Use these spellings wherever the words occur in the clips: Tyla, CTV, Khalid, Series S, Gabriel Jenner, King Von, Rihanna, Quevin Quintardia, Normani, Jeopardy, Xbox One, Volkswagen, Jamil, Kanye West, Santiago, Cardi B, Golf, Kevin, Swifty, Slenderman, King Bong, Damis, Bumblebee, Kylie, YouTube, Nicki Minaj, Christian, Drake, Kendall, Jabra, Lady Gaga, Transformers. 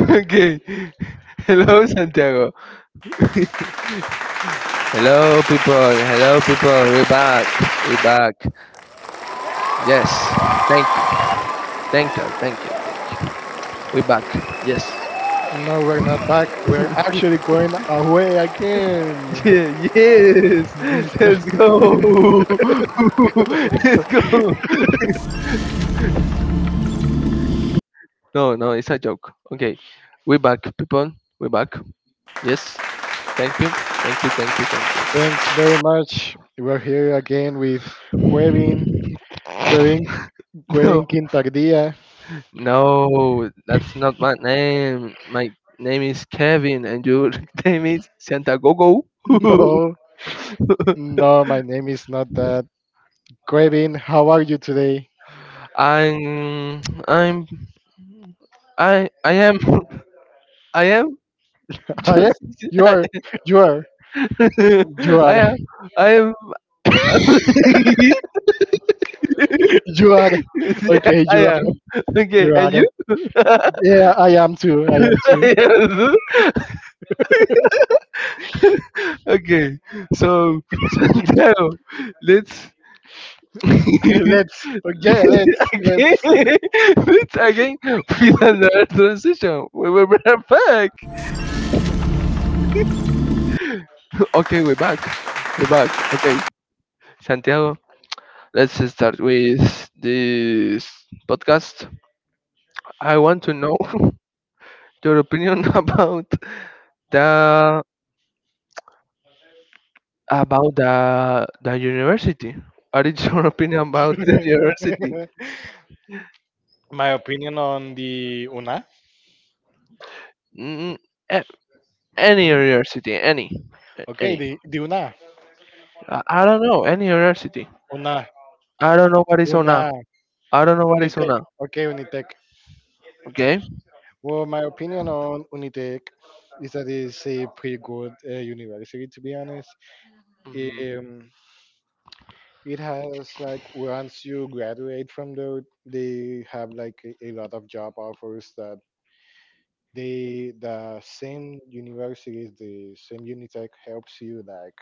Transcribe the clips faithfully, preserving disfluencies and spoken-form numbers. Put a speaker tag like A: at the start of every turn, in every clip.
A: okay. Hello, Santiago. Hello, people. Hello, people. We're back. We're back. Yes. Thank you. Thank you. Thank you. Thank you. We're back. Yes.
B: No, we're not back. We're actually going away again.
A: yeah. Yes.
B: This is
A: Let's
B: just...
A: go. Let's go. No, no, it's a joke. Okay. We're back, people. We're back. Yes. Thank you. Thank you. Thank you. Thank you.
B: Thanks very much. We're here again with Quevin. Quevin, Quevin Quintardia.
A: No, no, that's not my name. My name is Kevin, and your name is Santa Gogo.
B: No, no, my name is not that. Quevin, how are you today?
A: I'm, I'm, I, I am, I am
B: I am.
A: just,
B: You
A: I,
B: are. You are. You are.
A: am, I am,
B: You are.
A: Yeah,
B: Okay,
A: I
B: you are.
A: am. Okay,
B: You are.
A: and you?
B: Yeah, I am too. I am too.
A: Yes. Okay, so Santano, let's
B: let's. Yeah, let's.
A: again, let's again feel another transition. We we're back. Okay, we're back. We're back. Okay, Santiago, let's start with this podcast. I want to know your opinion about the about the the university. What is your opinion about the university?
B: Let's. My opinion on the UNA.
A: Mm, eh, Any university, any, a-
B: Okay,
A: any.
B: the, the UNA.
A: I, I don't know any university.
B: UNA.
A: I don't know what is on
B: UNA.
A: now. I don't know what is on
B: Unitec.
A: now.
B: Okay, Unitec.
A: Okay.
B: Well, my opinion on Unitec is that it's a pretty good uh, university, to be honest.
A: Mhm.
B: Um, it has, like, once you graduate from there, they have, like, a, a lot of job offers that they, the same universities, the same Unitec helps you, like,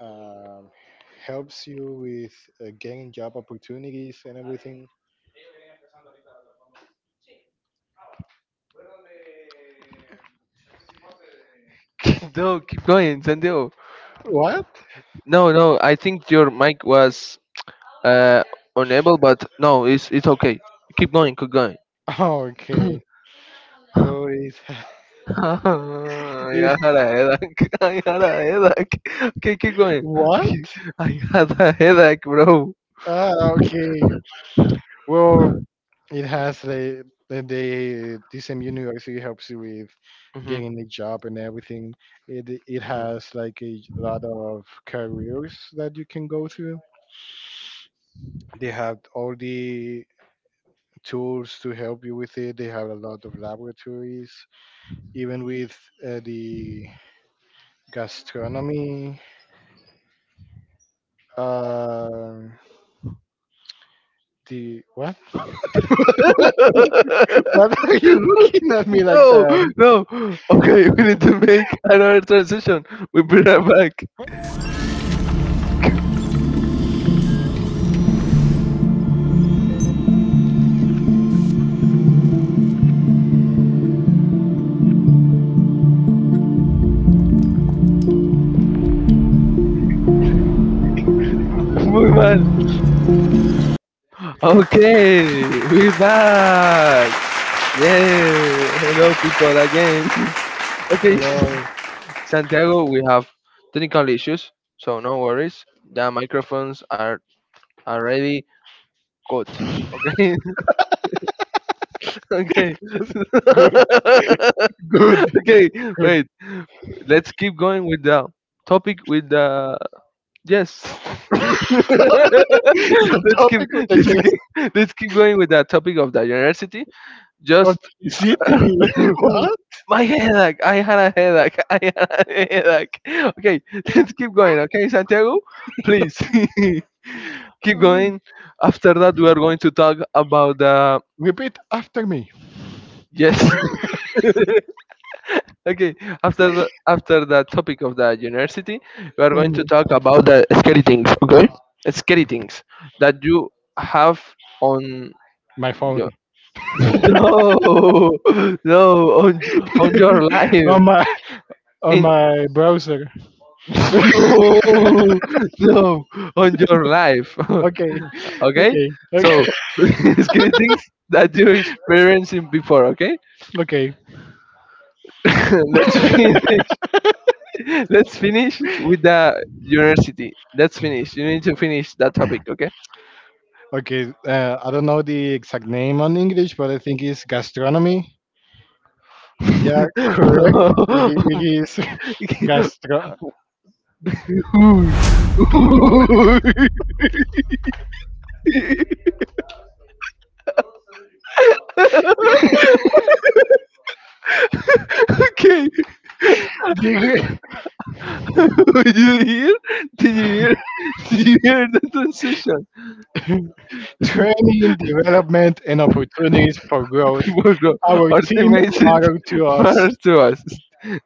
B: um, helps you with uh, getting job opportunities and everything.
A: no, keep going, Santiago.
B: What?
A: No, no. I think your mic was uh unable, but no, it's it's okay. Keep going, keep going.
B: Okay. Well, it, it
A: I had a headache. I had a headache. Okay, keep going.
B: what?
A: I had a headache, bro.
B: Ah, okay. Well, it has the the the- the same university helps you with
A: Mhm,
B: getting a job and everything. It it
A: mhm.
B: has like a lot of careers that you can go through. They have all the tools to help you with it. They have a lot of laboratories even with uh, the gastronomy. Uh, the what? What are you looking at me like
A: No,
B: that?
A: no. Okay, we need to make another transition. We bring her back. Muy mal. Okay, we're back. Yeah. Hello, people again. Okay,
B: Hello.
A: Santiago, we have technical issues, so no worries. The microphones are already caught. Okay, okay,
B: Good, good,
A: okay.
B: good.
A: Wait, let's keep going with the topic with the Yes. let's keep
B: the topic of the
A: let's
B: just
A: keep let's keep going with that topic of the university.
B: of
A: Just
B: C T V. What?
A: my headache. I had a headache. I had a headache. Okay, let's keep going. Okay, Santiago, please
B: Keep
A: keep
B: going.
A: going. After that, we are going to talk about the
B: Repeat after me.
A: yes. Okay, after the after the topic of the university, we are going to
B: Mhm.
A: talk about the scary things. Okay, scary things that you have on
B: My phone
A: No, no, no, on on your life,
B: on my on
A: in
B: my browser.
A: no, no, on your life.
B: Okay,
A: okay,
B: okay, okay,
A: so scary things that you're experiencing before. Okay,
B: okay.
A: let's finish. Let's finish with the university. Let's finish. You need to finish that topic. Okay.
B: Okay, uh, I don't know the exact name on English, but I think it's gastronomy. Yeah, correct. It, i- it is gastro.
A: okay.
B: The-
A: Did you hear? Did you hear? Did you hear the transition?
B: Training, development, and opportunities for growth.
A: Bro,
B: Our team
A: ultimate
B: motto to us.
A: matters to us.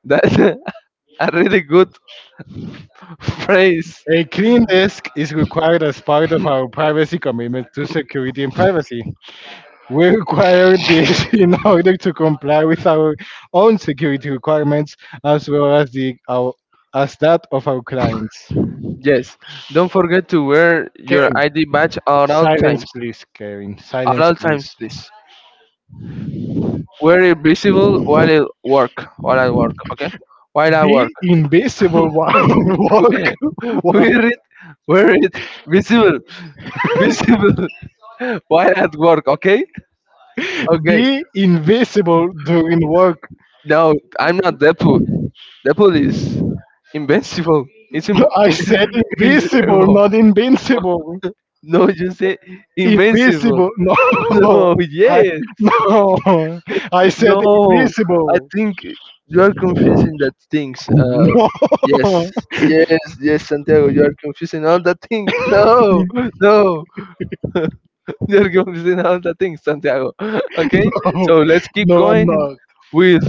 A: That's a, a really good phrase.
B: A clean desk is required as part of our privacy commitment to security and privacy. We require this in order to comply with our own security requirements as well as the our, as that of our clients.
A: Yes. Don't forget to wear your
B: Karen,
A: I D badge at all
B: silence
A: times.
B: please, Karen.
A: At
B: Silence
A: all times,
B: please.
A: please. Wear it visible while at work. While I work, okay? While I work.
B: Be invisible while work. What?
A: wear it. Wear it visible. Visible while at work, okay? Okay.
B: Be invisible during work.
A: No, I'm not Deadpool. Deadpool is invincible. It's
B: No,
A: immo-
B: I said
A: it's
B: invisible,
A: immo-
B: not invincible.
A: No, you say invincible.
B: Invisible. No.
A: No,
B: I
A: yes.
B: no. I said
A: No, I
B: invisible.
A: think you are confusing that things. Uh,
B: No,
A: yes, yes, yes, Santiago, you are confusing all the things.
B: no,
A: No, no, you are confusing all the things, Santiago. Okay, so let's keep
B: no, I'm
A: going
B: not.
A: with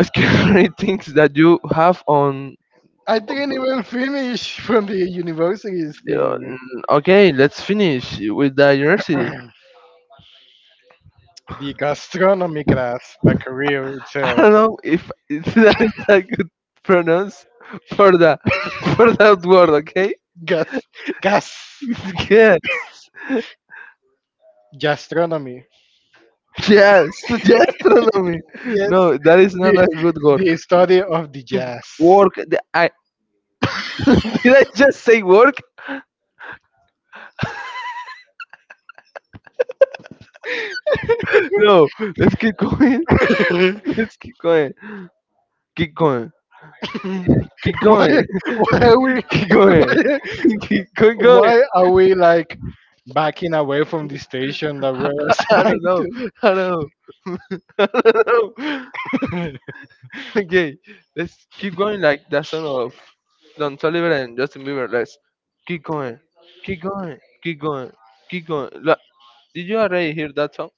A: scary things that you have on.
B: I didn't even finish from the universities
A: Uh,
B: thing.
A: n- okay, let's finish with the university.
B: The gastronomy class, the career
A: I
B: itself.
A: don't know if, if that is a good pronounce for the for that word. Okay.
B: Gas, gas,
A: Yes.
B: Gastronomy.
A: Yes. Gastronomy.
B: Yes,
A: No, that is not a
B: the,
A: good work.
B: the study of the jazz.
A: Work. The- I did I just say work? No. Let's keep going. Let's keep going. Keep going. Keep
B: why,
A: going.
B: why are we,
A: Keep going.
B: why,
A: Keep going.
B: why are we like backing away from the station that we're
A: I
B: assigned
A: don't know.
B: to?
A: I don't know. I don't know. Okay, let's keep going like that song of Don Toliver and Justin Bieber. Let's keep going, keep going, keep going, keep going. Look, did you already hear that song?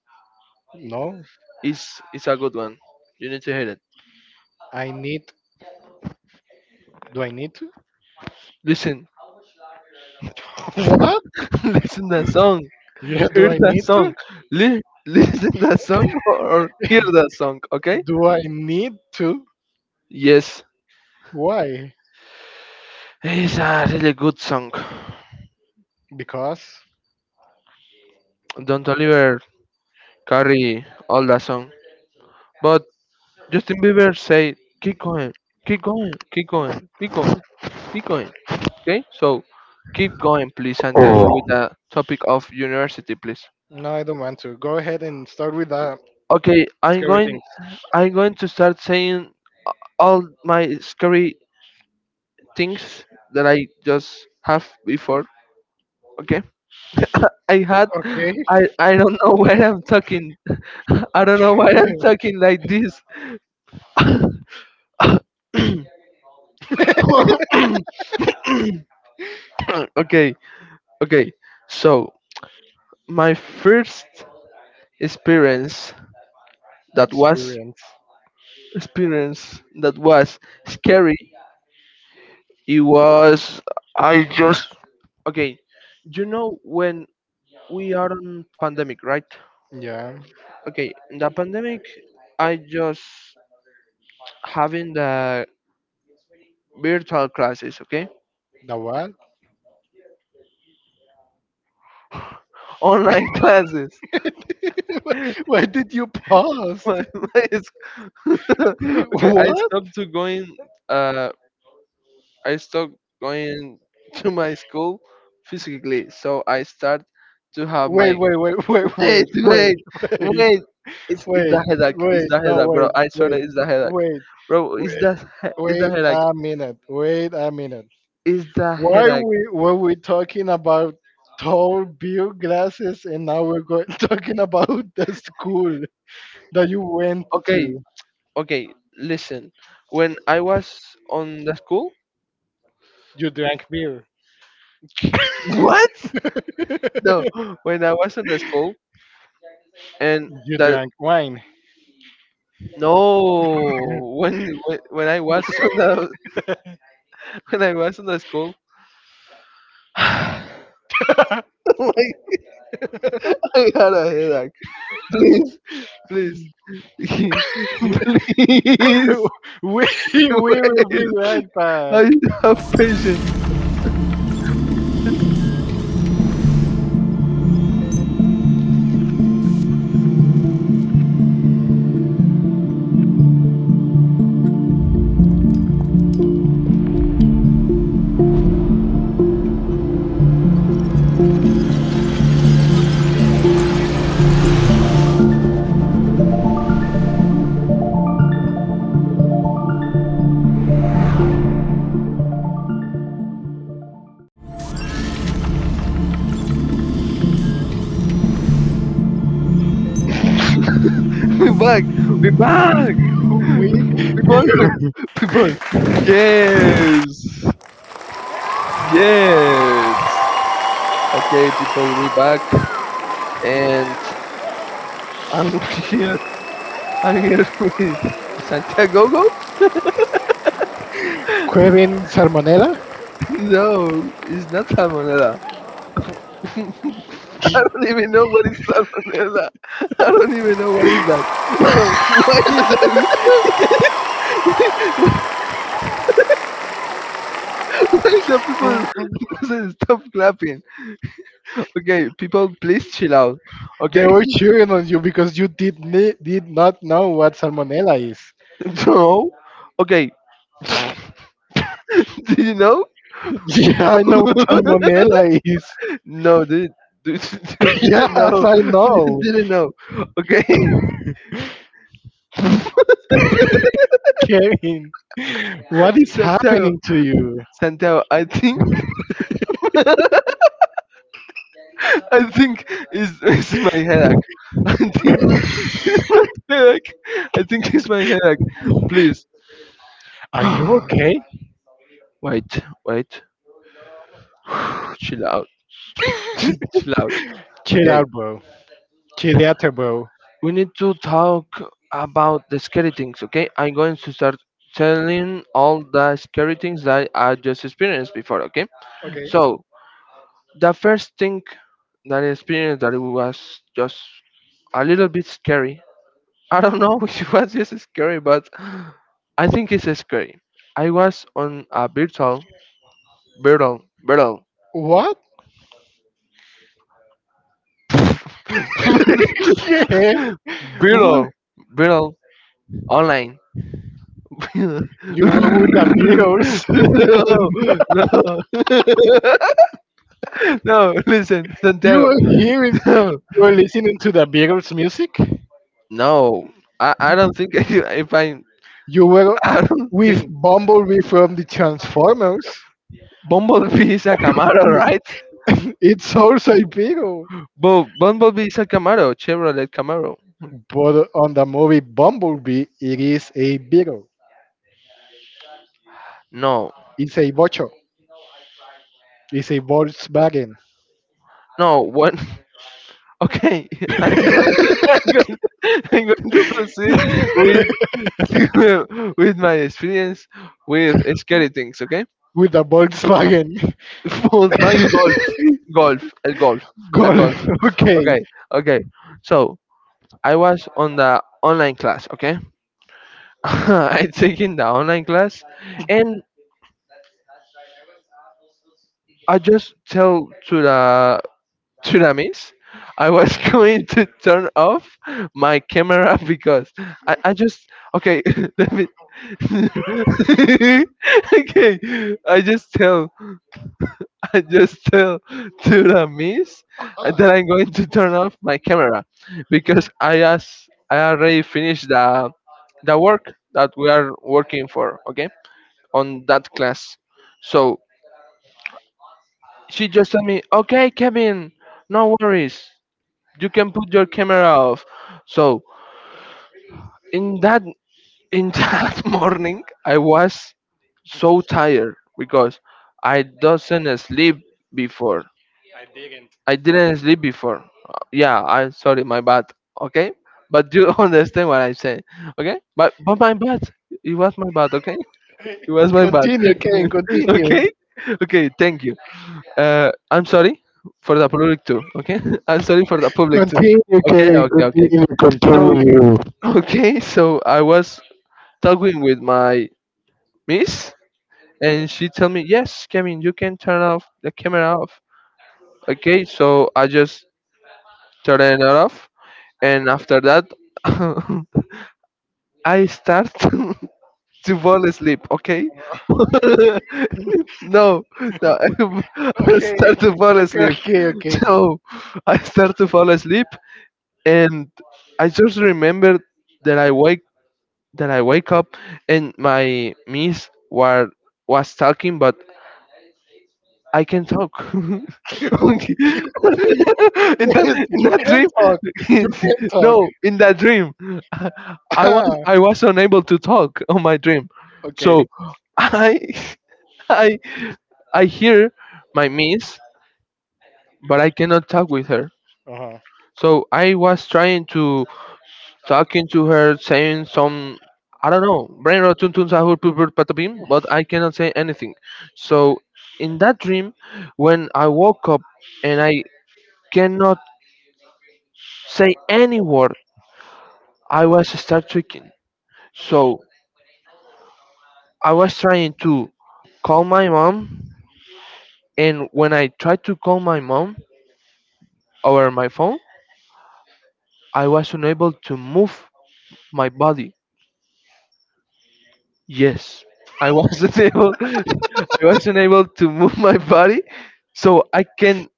B: no,
A: It's it's a good one. You need to hear it.
B: I need Do I need to?
A: Listen,
B: What?
A: listen that song.
B: Yeah, do
A: Hear
B: I
A: that
B: need to?
A: song. Li- listen that song or or hear that song. Okay?
B: Do I need to?
A: Yes,
B: Why?
A: it's a really good song.
B: Because?
A: Don't Oliver, carry all that song, but Justin Bieber said, "Keep going, keep going, keep going, keep going, keep going." Okay, so keep going, please, Santiago, with the topic of university, please.
B: No, I don't want to. Go ahead and start with that
A: Okay, I'm
B: scary thing.
A: going. I'm going to start saying all my scary things that I just have before. Okay, I had.
B: Okay.
A: I I don't know why I'm talking. I don't know why I'm talking like this. okay, okay. So my first experience that was
B: Experience.
A: experience that was scary it was I just okay you know when we are on pandemic right
B: Yeah.
A: okay in the pandemic I just having the virtual classes okay
B: The what?
A: online classes
B: Why did you pause?
A: my, my school. okay I
B: What?
A: stopped to going uh I stopped going to my school physically so I start to have
B: Wait,
A: my
B: wait, wait, wait, wait,
A: Wait,
B: wait,
A: wait,
B: wait.
A: wait. It's, it's
B: Wait,
A: the headache. It's
B: wait,
A: the
B: no,
A: headache, bro.
B: wait,
A: I swear that
B: wait,
A: it's the headache.
B: wait,
A: Bro, it's
B: wait,
A: the, he- it's the
B: wait
A: headache.
B: a minute, wait a minute.
A: It's the
B: Why
A: headache.
B: we were we talking about tall beer glasses and now we're going talking about the school that you went
A: Okay,
B: to?
A: okay, listen. When I was on the school,
B: You drank beer.
A: what? No, when I was on the school and
B: You
A: the
B: drank wine.
A: no, when when when I was on the when I was on the school, I had a headache. Please, please,
B: we
A: please.
B: we will
A: ways.
B: be right
A: I
B: back.
A: have patience. we back. We back.
B: We
A: People. We, people. Yes. Yes. Okay, people. We back. And I'm here. I'm here with Santiago.
B: Kevin Salmonella.
A: No, it's not Salmonella. I don't even know what is salmonella. I don't even know what is that. So why is that? Why the people say stop clapping? Okay, people, please chill out.
B: They
A: Okay,
B: were cheering on you because you did ni- did not know what salmonella is.
A: no. Okay, do you know?
B: yeah, I know what salmonella is.
A: no, did did- didn't
B: yes,
A: know.
B: I know,
A: Didn't know. Okay,
B: Kevin. What is
A: Santiago,
B: happening to you?
A: Santiago. I think I think is is my headache. I think it's my headache. I think it's my headache. Please.
B: Are you okay?
A: Wait, wait. Chill out. Chill out.
B: Chill
A: Okay.
B: out, bro. Chill out, bro.
A: We need to talk about the scary things, okay? I'm going to start telling all the scary things that I just experienced before, okay?
B: Okay.
A: So, the first thing that I experienced that it was just a little bit scary. I don't know if it was just scary, but I think it's scary. I was on a virtual, virtual, virtual,
B: What? yeah. What?
A: virtual, virtual online. no,
B: You were with the Beatles.
A: no, no. Listen,
B: you
A: Santiago.
B: were hearing,
A: No,
B: you were listening to the Beatles music.
A: no. I, I don't think if I
B: You were
A: I don't
B: with
A: think
B: Bumblebee from the Transformers.
A: Bumblebee is a Camaro, right?
B: it's also a beetle.
A: But Bumblebee is a Camaro, Chevrolet Camaro.
B: But on the movie Bumblebee, it is a beetle.
A: No,
B: It's a bocho. It's a Volkswagen.
A: no. What? Okay, I'm going, I'm going, I'm going to proceed with with my experience with scary things. Okay.
B: with a Volkswagen
A: phones buying golf golf uh, golf the golf
B: Golf. Okay.
A: okay okay so I was on the online class okay I taking the online class and I just tell to the to the miss I was going to turn off my camera because i, I just okay let me okay I just tell I just tell to the miss that I'm going to turn off my camera because I as I already finished the the work that we are working for, okay, on that class. So she just told me, okay, Kevin, no worries, you can put your camera off. So in that in that morning, I was so tired because I doesn't sleep before I didn't sleep before. Uh, Yeah, I'm sorry, my bad. Okay, but you understand what I say. Okay, but but my bad. It was my bad. Okay, it was my bad.
B: Continue, Kane. Continue.
A: okay, okay. Thank you. Uh, I'm sorry for the public too. Okay, I'm sorry for the public too.
B: Continue,
A: Okay,
B: Kane.
A: okay, okay.
B: Continue,
A: So
B: continue.
A: okay, so I was talking with my miss, and she tell me, yes, Kevin, you can turn off the camera off. Okay, so I just turn it off and after that I start to fall asleep. Okay, no, no, I
B: Okay.
A: start to fall asleep.
B: Okay, okay,
A: So I start to fall asleep, and I just remembered that I wake that I wake up, and my miss were was talking, but I can talk.
B: okay.
A: Okay. in
B: Yes,
A: that in
B: you
A: that
B: can
A: dream,
B: talk. You can talk.
A: no, in that dream, I was I was unable to talk on my dream, so
B: okay.
A: I I I hear my miss, but I cannot talk with her.
B: Uh-huh.
A: So I was trying to talking to her, saying some I don't know, brain rot tun tun sahur pur pur patapim, but I cannot say anything. So in that dream, when I woke up and I cannot say any word. I was start shaking. So I was trying to call my mom, and when I tried to call my mom over my phone, I was unable to move my body. Yes, I was unable. I was unable to move my body, so I can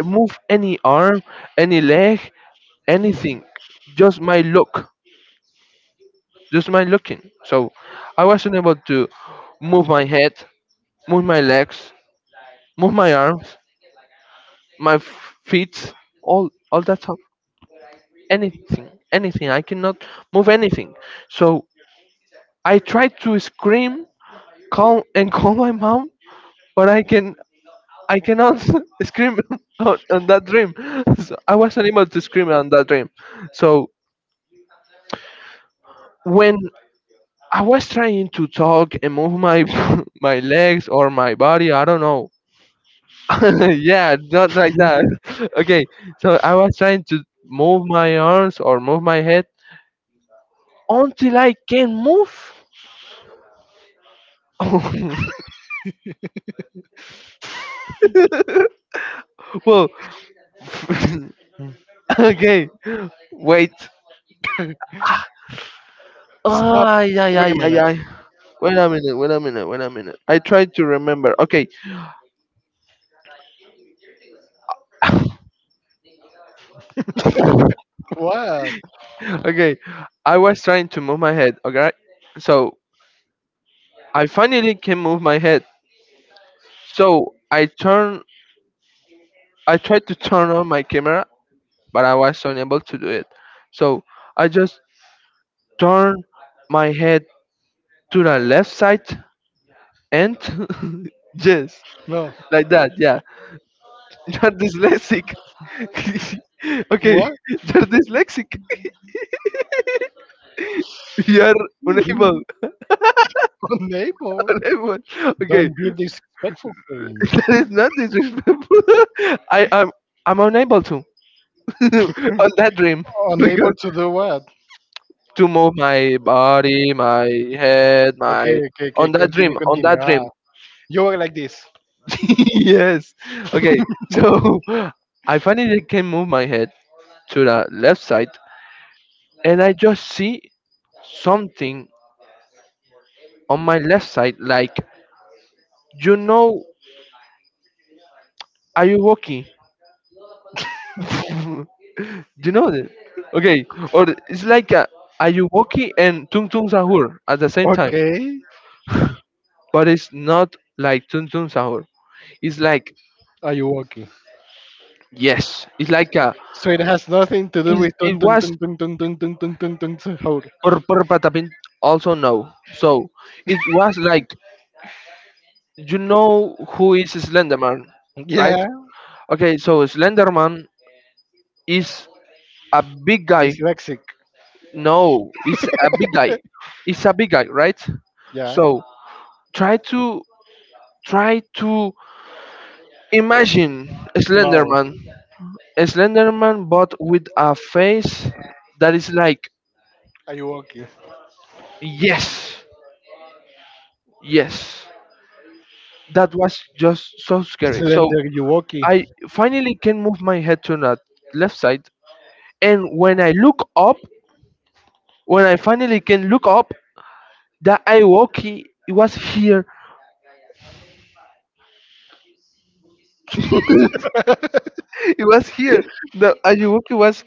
A: move any arm, any leg, anything. Just my look, just my looking. So I was unable to move my head, move my legs, move my arms, my f- feet, all all that stuff. Anything, anything. I cannot move anything. So I try to scream, call and call my mom, but I can I cannot scream on, on that dream. So I wasn't able to scream on that dream. So when I was trying to talk and move my my legs or my body, I don't know. Yeah, not like
B: Mhm.
A: that. Okay, so I was trying to move my arms or move my head until I can move. Well,
B: Mm.
A: okay, wait.
B: Stop.
A: Ah, yeah, yeah,
B: Wait a
A: yeah,
B: minute.
A: yeah. Wait a minute, wait a minute, wait a minute. I tried to remember. Okay,
B: What?
A: okay. I was trying to move my head, okay? So I finally can move my head. So I turn, I tried to turn on my camera, but I was unable to do it. So I just turn my head to the left side and yes,
B: No.
A: like that, yeah. You're dyslexic. Okay,
B: What?
A: you're dyslexic. You're unable.
B: Unable.
A: Unable. Okay,
B: Don't be disrespectful to me.
A: that is not disrespectful. I am. I'm unable to on that dream because
B: Unable to do what?
A: to move my body, my head,
B: Okay,
A: my
B: okay, okay.
A: on that
B: Continue,
A: dream, on
B: continue.
A: that
B: Ah,
A: dream.
B: you were like this.
A: Yes. Okay. So I finally can move my head to the left side, and I just see something on my left side, like you know are you walking? You know that. Okay, or it's like a, are you walking and tung tung sahur at the same time,
B: Okay.
A: but it's not like tung tung sahur, it's like
B: Are you okay?
A: yes, it's like a
B: So it has nothing to do
A: it,
B: with
A: it
B: tun tun
A: was
B: tun tun tun tun tun tun tun tun. Tun- Hold.
A: pur pur patapin, also no. So it was like, you know who is Slenderman, right?
B: Yeah.
A: Okay, so Slenderman is a big guy.
B: Dyslexic.
A: No, it's a big guy, it's a big guy, right?
B: Yeah.
A: So Try to try to imagine a
B: No.
A: Slenderman, a Slenderman, but with a face that is like,
B: Are you walking?
A: yes, yes. That was just so scary. So
B: Slender, you walking?
A: I finally can move my head to the left side, and when I look up, when I finally can look up, the Iwoki it was here. It was here. The Iwoki was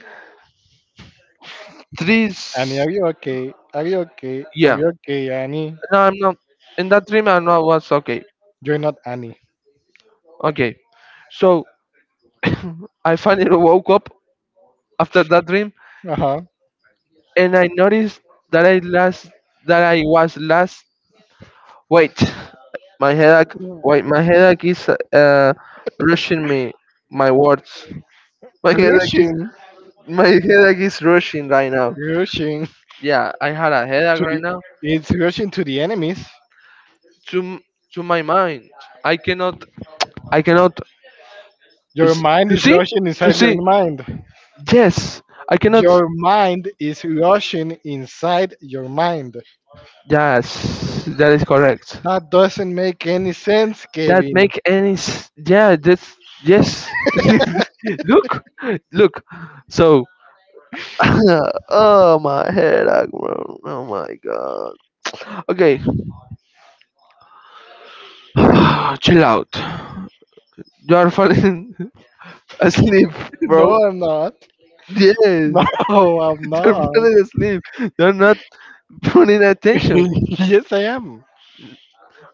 A: trees.
B: Annie, are you okay? Are you okay? Are
A: Yeah.
B: you okay, Annie?
A: No, I'm not. In that dream, I know I was okay.
B: You're not Annie.
A: Okay, so I finally woke up after that dream,
B: Uh huh.
A: and I noticed that I last, that I was last. Wait, my headache. Wait, my headache is uh, rushing me. My words. My headache is
B: Rushing,
A: my headache is rushing right now.
B: rushing
A: Yeah, I had a headache
B: to
A: right
B: the.
A: now.
B: It's rushing to the enemies.
A: To m- to my mind, I cannot. I cannot.
B: Your
A: s-
B: mind
A: You
B: is
A: see?
B: rushing
A: You
B: inside your
A: see?
B: mind.
A: Yes, I cannot.
B: Your mind is rushing inside your mind.
A: Yes, that is correct.
B: That doesn't make any sense,
A: That
B: Kevin.
A: make any s- Yeah, that's yes. Look, look, so oh, my head, bro. Oh my god. Okay, chill out, you are falling asleep,
B: No,
A: bro,
B: I'm not.
A: yes.
B: No, I'm
A: You're
B: not.
A: falling asleep, you're not putting attention.
B: yes, I am.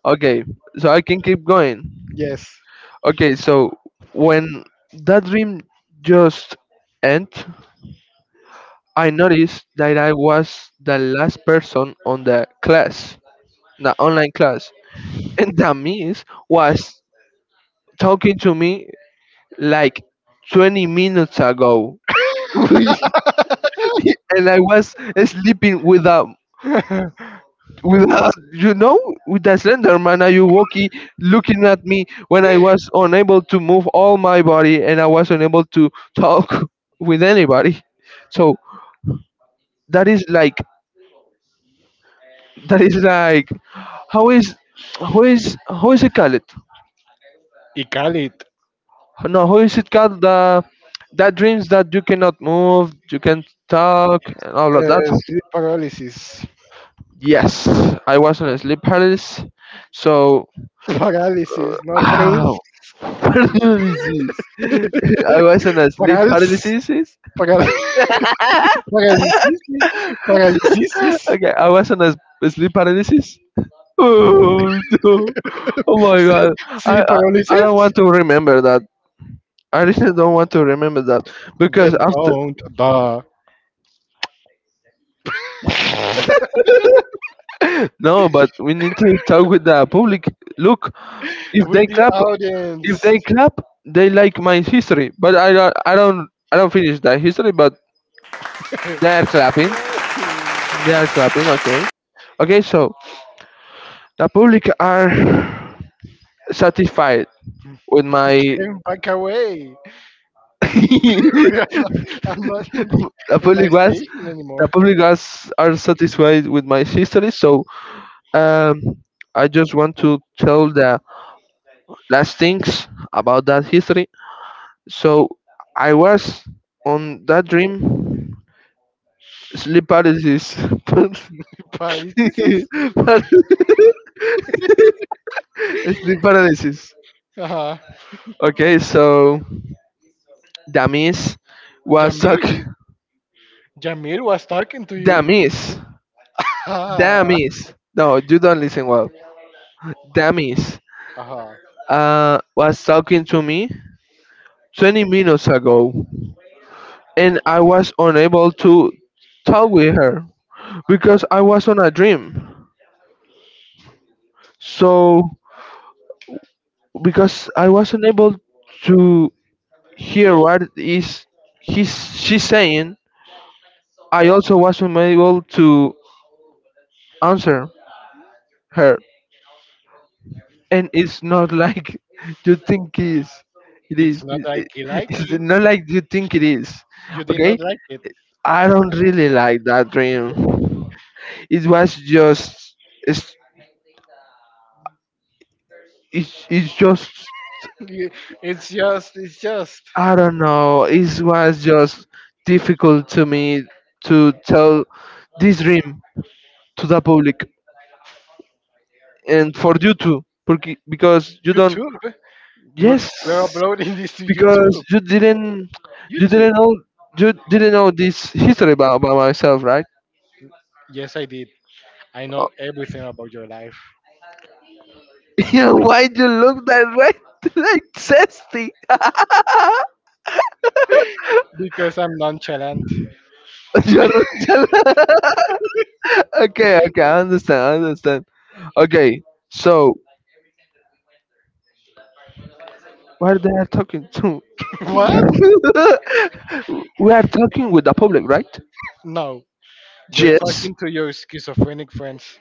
A: Okay, so I can keep going.
B: Yes.
A: Okay, so when that dream just end, I noticed that I was the last person on the class, the online class, and the miss was talking to me like 20 minutes ago, and I was sleeping without. Without, you know, with the slender man Ayuwoki looking at me when I was unable to move all my body and I was unable to talk with anybody. So that is like, that is like, how is, how is, how is it called?
B: Y Khalid.
A: No, how is it called? The that dreams that you cannot move, you can talk, and all of that.
B: Uh, sleep paralysis.
A: Yes, I was on a sleep paralysis. So,
B: Parálisis, not
A: ow,
B: paralysis.
A: paralysis. I was on a sleep
B: Parálisis.
A: paralysis.
B: Parálisis. Parálisis.
A: Okay, I was on a s- sleep paralysis. Oh no! Oh my God! I,
B: Sleep
A: I I don't
B: paralysis.
A: want to remember that. I really don't want to remember that because
B: Then
A: after.
B: don't. Duh.
A: No, but we need to talk with the public. Look, if
B: With
A: they
B: the
A: clap, if
B: audience.
A: they clap, they like my history. But I don't, I don't, I don't finish the history. But they are clapping.
B: No.
A: They are clapping. Okay. Okay. So the public are satisfied with my.
B: Back away. I'm not,
A: The
B: I'm not in the in my
A: public was
B: station
A: the
B: anymore.
A: public was are satisfied with my history. So um, I just want to tell the last things about that history. So I was on that dream sleep paralysis, but,
B: But this is
A: but sleep paralysis.
B: uh,
A: Okay, so Damis was talk.
B: Jamil. Jamil was talking to you.
A: Damis,
B: Ah,
A: Damis. No, you don't listen well. Damis
B: uh,
A: uh, was talking to me 20 minutes ago, and I was unable to talk with her because I was on a dream. So because I was unable to. Here, what is he's she's saying? I also wasn't able to answer her, and it's not like you think it is. It
B: it's
A: is.
B: not
A: It,
B: like
A: it-
B: you like
A: it's
B: it.
A: not like you think it is.
B: You did
A: Okay.
B: not like it.
A: I don't really like that dream. It was just. It's. It's, it's just.
B: You- It's just it's just
A: I don't know. It was just difficult to me to tell this dream to the public and for you too, porque, because you don't,
B: YouTube. We're,
A: yes,
B: we're uploading this to
A: because
B: YouTube.
A: you didn't, you didn't
B: YouTube.
A: know, you didn't know this history about, about myself, right?
B: Yes, I did. I
A: Oh,
B: know everything about your life
A: yeah, why you look that way? Like zesty.
B: because I'm nonchalant.
A: You're not- okay, okay, i understand i understand Okay, so what are they are talking to?
B: What?
A: We are talking with the public, right?
B: No. You're
A: Yes,
B: talking to your schizophrenic friends.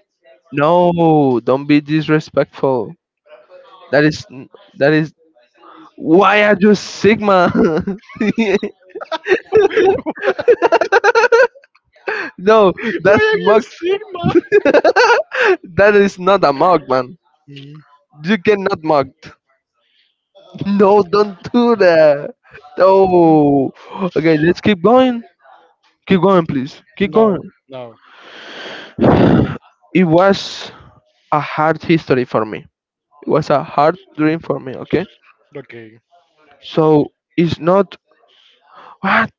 A: no, don't be disrespectful. That is, that is. Why are you Sigma? No,
B: Why
A: that's
B: are you
A: mug.
B: Sigma?
A: That is not a mug, man.
B: Mhm.
A: You cannot mug. No, don't do that. No. Okay, let's keep going. Keep going, please. Keep going.
B: No, no.
A: It was a hard history for me. It was a hard dream for me, okay?
B: Okay.
A: So it's not, what?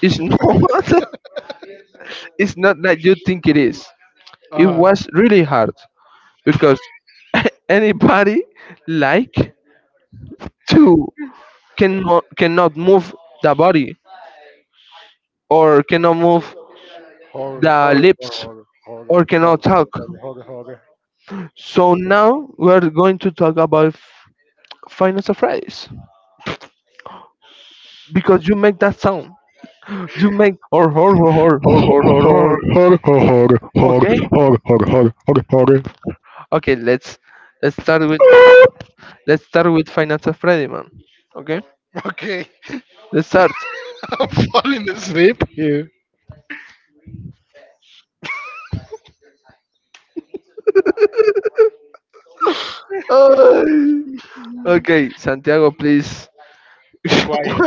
A: It's not,
B: Uh
A: it's not like you think it is. It
B: huh.
A: was really hard because anybody like to can cannot move the body or cannot move
B: Horror,
A: the
B: horror,
A: lips
B: horror, horror,
A: or
B: horror,
A: cannot talk.
B: horror, horror, horror.
A: So now we're going to talk about f- finance of phrase because you make that sound. You make or or or or or or or or.
B: Hog,
A: Or.
B: hog, hog, hog,
A: Okay,
B: hog, hog, hog, hog, hog,
A: okay. Let's let's start with let's start with finance of Freddy, man. Okay,
B: okay.
A: let's start.
B: I'm falling asleep here.
A: Ay. Okay, Santiago, please.
B: Be quiet.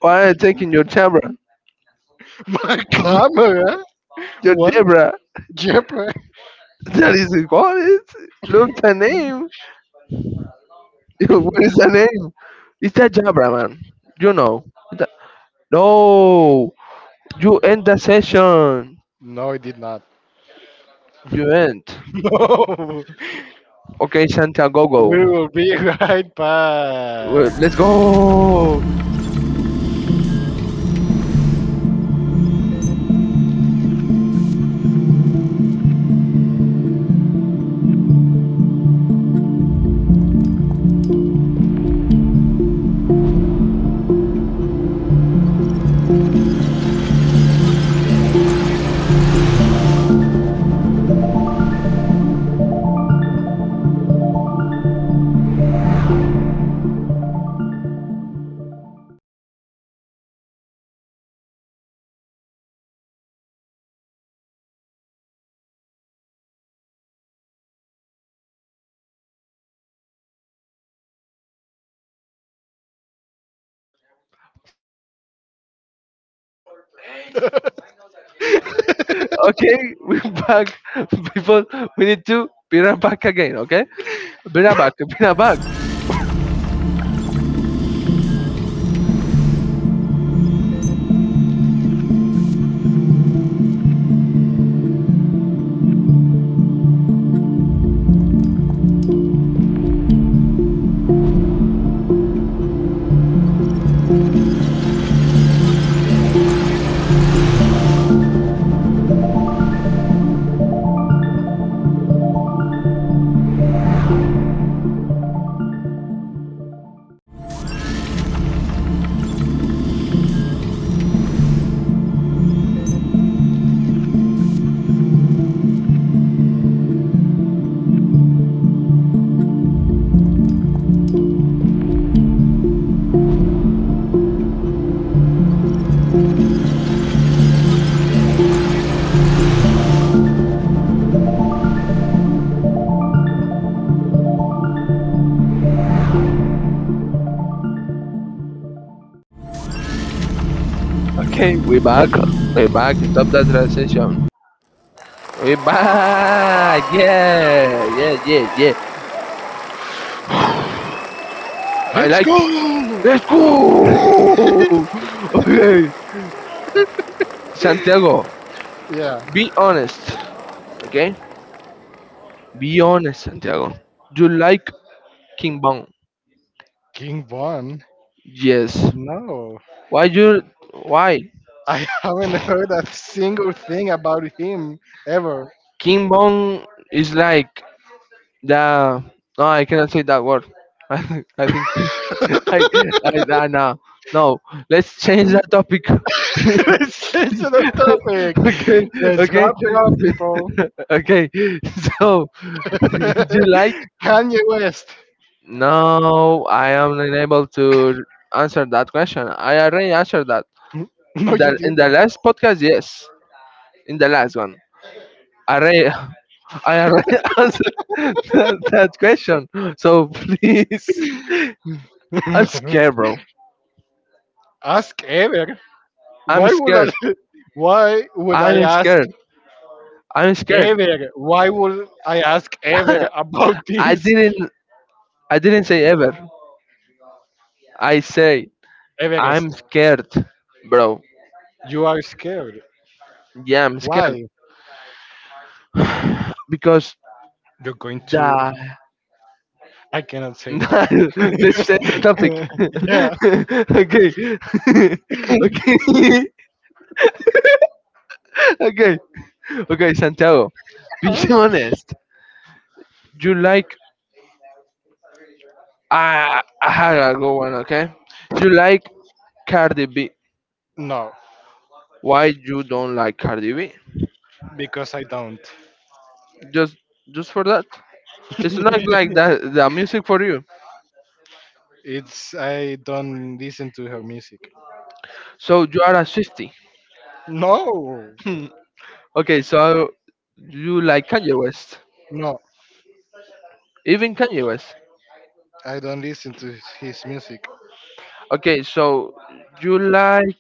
A: Why are you taking your camera?
B: My camera?
A: Your
B: What?
A: debra.
B: Jeopardy?
A: That is what it. Look the name. What is the name? It's that Jabra, man. You know. The- no. You end the session.
B: No, it did not.
A: You end.
B: No.
A: Okay, Santiago, go. Go.
B: We will be right
A: Well,
B: back.
A: let's go. Okay, we're back. People, we need to be right back again. Okay, be right back. Be right back. Okay, we back. We back. Stop that transition. We back. Yeah, yeah, yeah, yeah. I
B: Let's
A: like. Let's
B: go!
A: go. Okay, Santiago,
B: Yeah.
A: be honest. Okay, be honest, Santiago. You like King Bong?
B: King Von?
A: Yes.
B: No.
A: Why you? Why
B: I haven't heard a single thing about him ever.
A: King Bong is like the? No, I cannot say that word. I I think I I nah, nah. No, let's change that topic.
B: Let's change to the topic.
A: Okay,
B: Let's
A: okay,
B: wrap it up, people.
A: okay. So, do you like.
B: Kanye West.
A: No, I am unable to answer that question. I already answered that
B: No,
A: in
B: you
A: the in the
B: didn't.
A: last podcast. Yes, in the last one, I already I already answered that, that question. So please, I'm scared, bro.
B: ask ever.
A: I'm
B: Why would I?
A: scared.
B: Why would I
A: I'm
B: ask
A: scared. I'm scared.
B: Ever, why would I ask ever about
A: I
B: this?
A: didn't, I didn't say ever. I say
B: Everest,
A: I'm scared, bro.
B: you are scared.
A: Yeah, I'm scared.
B: Why?
A: Because
B: You're going to.
A: the
B: I cannot say that.
A: let's change the topic.
B: yeah.
A: Okay. okay. Okay. Okay, Santiago. Be honest. You like I I had a good one, okay? You like Cardi B.
B: No,
A: Why you don't like Cardi B?
B: because I don't.
A: Just just for that? It's not like that the music for you.
B: it's I don't listen to her music.
A: So you are a Swifty.
B: No,
A: Okay, so you like Kanye West.
B: no,
A: Even Kanye West.
B: I don't listen to his music.
A: Okay, so you like,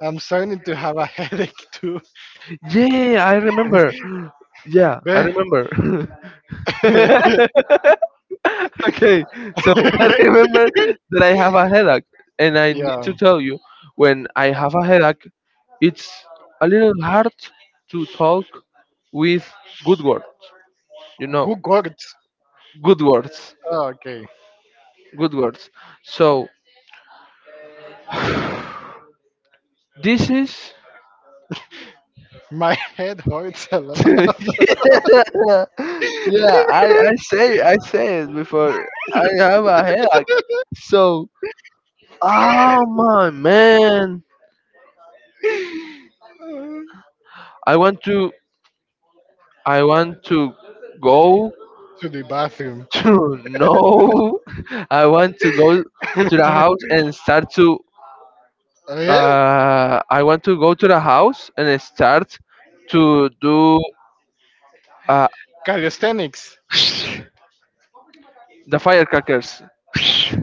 B: I'm starting to have a headache too.
A: yeah, I remember. Yeah, I remember.
B: yeah,
A: Okay, so I remember that I have a headache, and I need to tell you, when I have a headache, it's a little hard to talk with good words. You know,
B: good hurts.
A: good words,
B: Oh, okay,
A: good words. So this is.
B: my head hurts a
A: Yeah,
B: lot.
A: yeah. I I say I say it before. I have a headache, so oh my man! I want to I want to go
B: to the bathroom.
A: to no. I want to go to the house and start to
B: Oh, yeah,
A: uh I want to go to the house and start to do uh
B: calisthenics,
A: the firecrackers.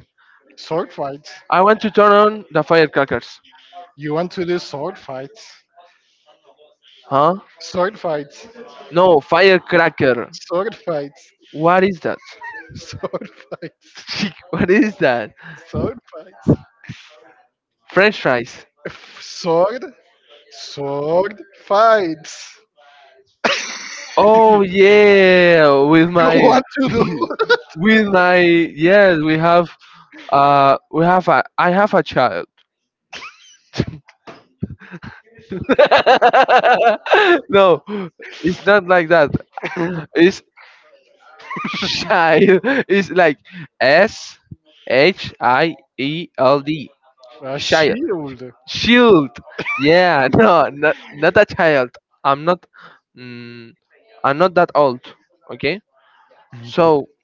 B: sword fights.
A: I want to turn on the firecrackers.
B: You want to do sword fights?
A: Huh?
B: Sword fights,
A: No, firecracker.
B: sword fights,
A: What is that?
B: sword fights,
A: What is that?
B: sword fights,
A: French fries.
B: sword, sword fights.
A: Oh yeah, with
B: You
A: my
B: want to
A: with my yes, we have uh we have a I have a child. No, it's not like that.
B: do
A: It's child. It's like S H I E L D.
B: a
A: Child.
B: shield?
A: Shield. Yeah, no, not not a child. I'm not mm, I'm not that old. Okay? So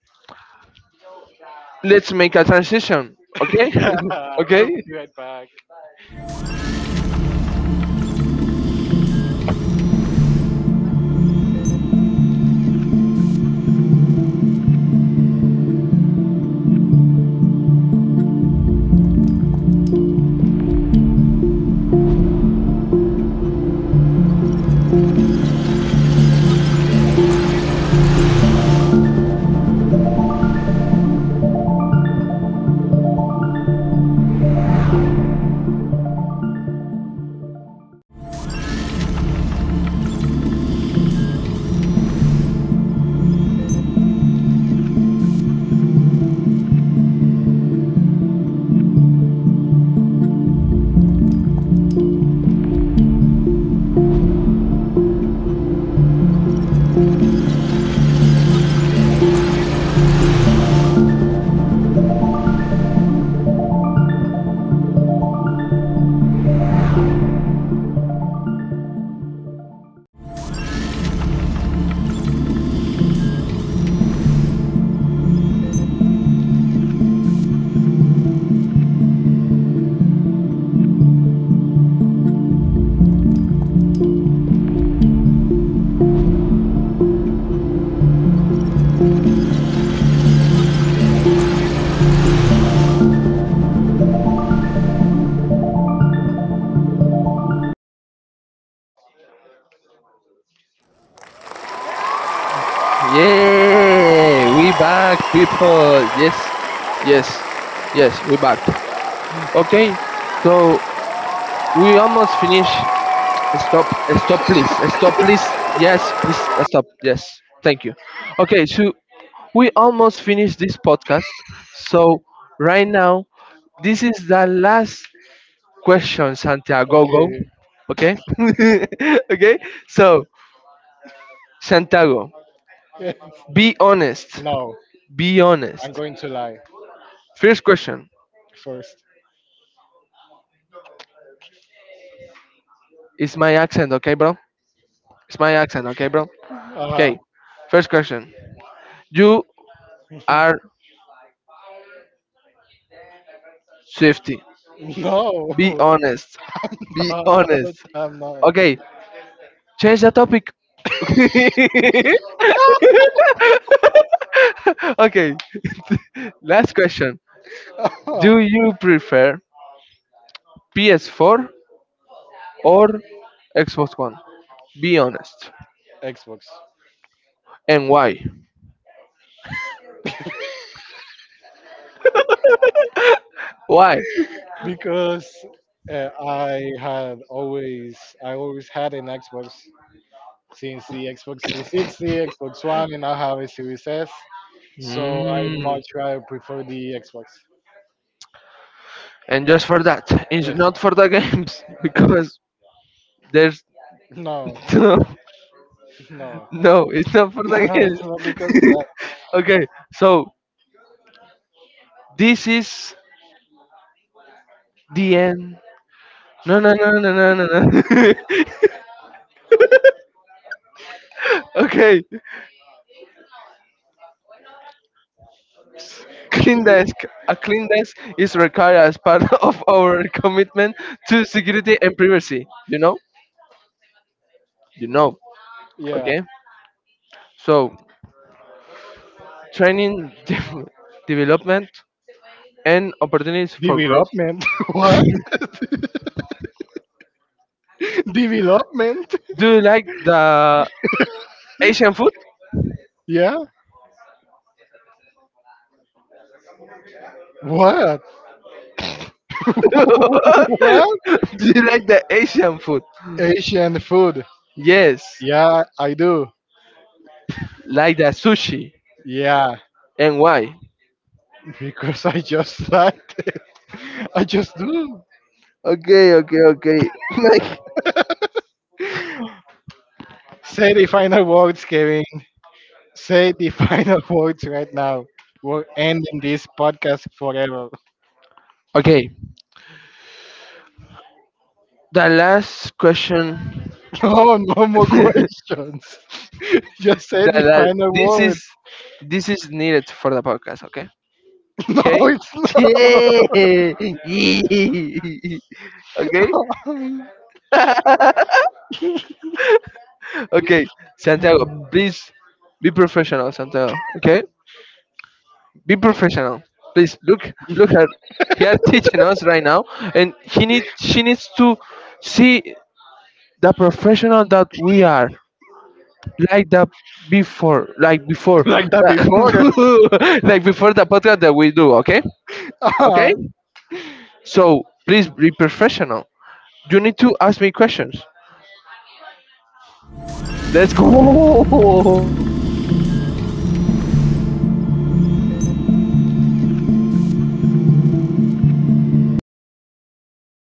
A: let's make a transition. Okay?
B: yeah, we'll
A: Okay?
B: be right back.
A: Yeah, we back, people. Yes, yes, yes, we back. Okay, so we almost finish. Stop, stop, please, stop, please. Yes, please stop. Yes, thank you. Okay, so we almost finished this podcast. So right now, this is the last question, Santiago. Go.
B: Okay.
A: Okay, okay. So Santiago,
B: Yes.
A: be honest.
B: No,
A: Be
B: I'm
A: honest.
B: going to lie
A: First question.
B: first.
A: It's my accent, okay, bro? It's my accent, okay, bro?
B: Uh huh.
A: Okay, first question. You are Swifty. Be
B: No.
A: honest. Be honest.
B: I'm not.
A: Okay, change the topic. Okay, last question. Do you prefer P S four or Xbox One? Be honest.
B: Xbox
A: And why? Why?
B: because uh, I had always I always had an Xbox since the Xbox three sixty, Xbox One, and I have a Series S. So I
A: Mm.
B: much rather prefer the Xbox.
A: And just for that, it's
B: Yes.
A: not for the games because there's
B: No,
A: no,
B: no,
A: no, it's not for the
B: no. It's not because of
A: kids.
B: that.
A: Okay, so this is the end. No, no, no, no, no, no, no. Okay, clean desk. A clean desk is required as part of our commitment to security and privacy. You know? You know.
B: yeah.
A: Okay, so training, de- development, and opportunities for growth.
B: Development. what? Development.
A: Do you like the Asian food?
B: Yeah. What?
A: Do
B: what?
A: you like the Asian food?
B: Asian food.
A: Yes,
B: Yeah, I do.
A: like the sushi.
B: Yeah,
A: And why?
B: because I just like it. I just do.
A: Okay, okay, okay. Like,
B: Say the final words, Kevin. Say the final words right now. We're ending this podcast forever.
A: okay, the last question.
B: No, no more
A: the
B: questions. Just say the
A: la-
B: final
A: this
B: word.
A: is this is needed for the podcast. Okay.
B: No,
A: Okay.
B: it's not.
A: Yeah. Okay. Okay, Santiago, please be professional, Santiago. Okay, be professional. Please look, look at he are teaching us right now, and he need she needs to see the professional that we are like the before like before
B: like that before.
A: the- like before the podcast that we do, okay? Okay, so please be professional, you need to ask me questions, let's go.
B: Ah.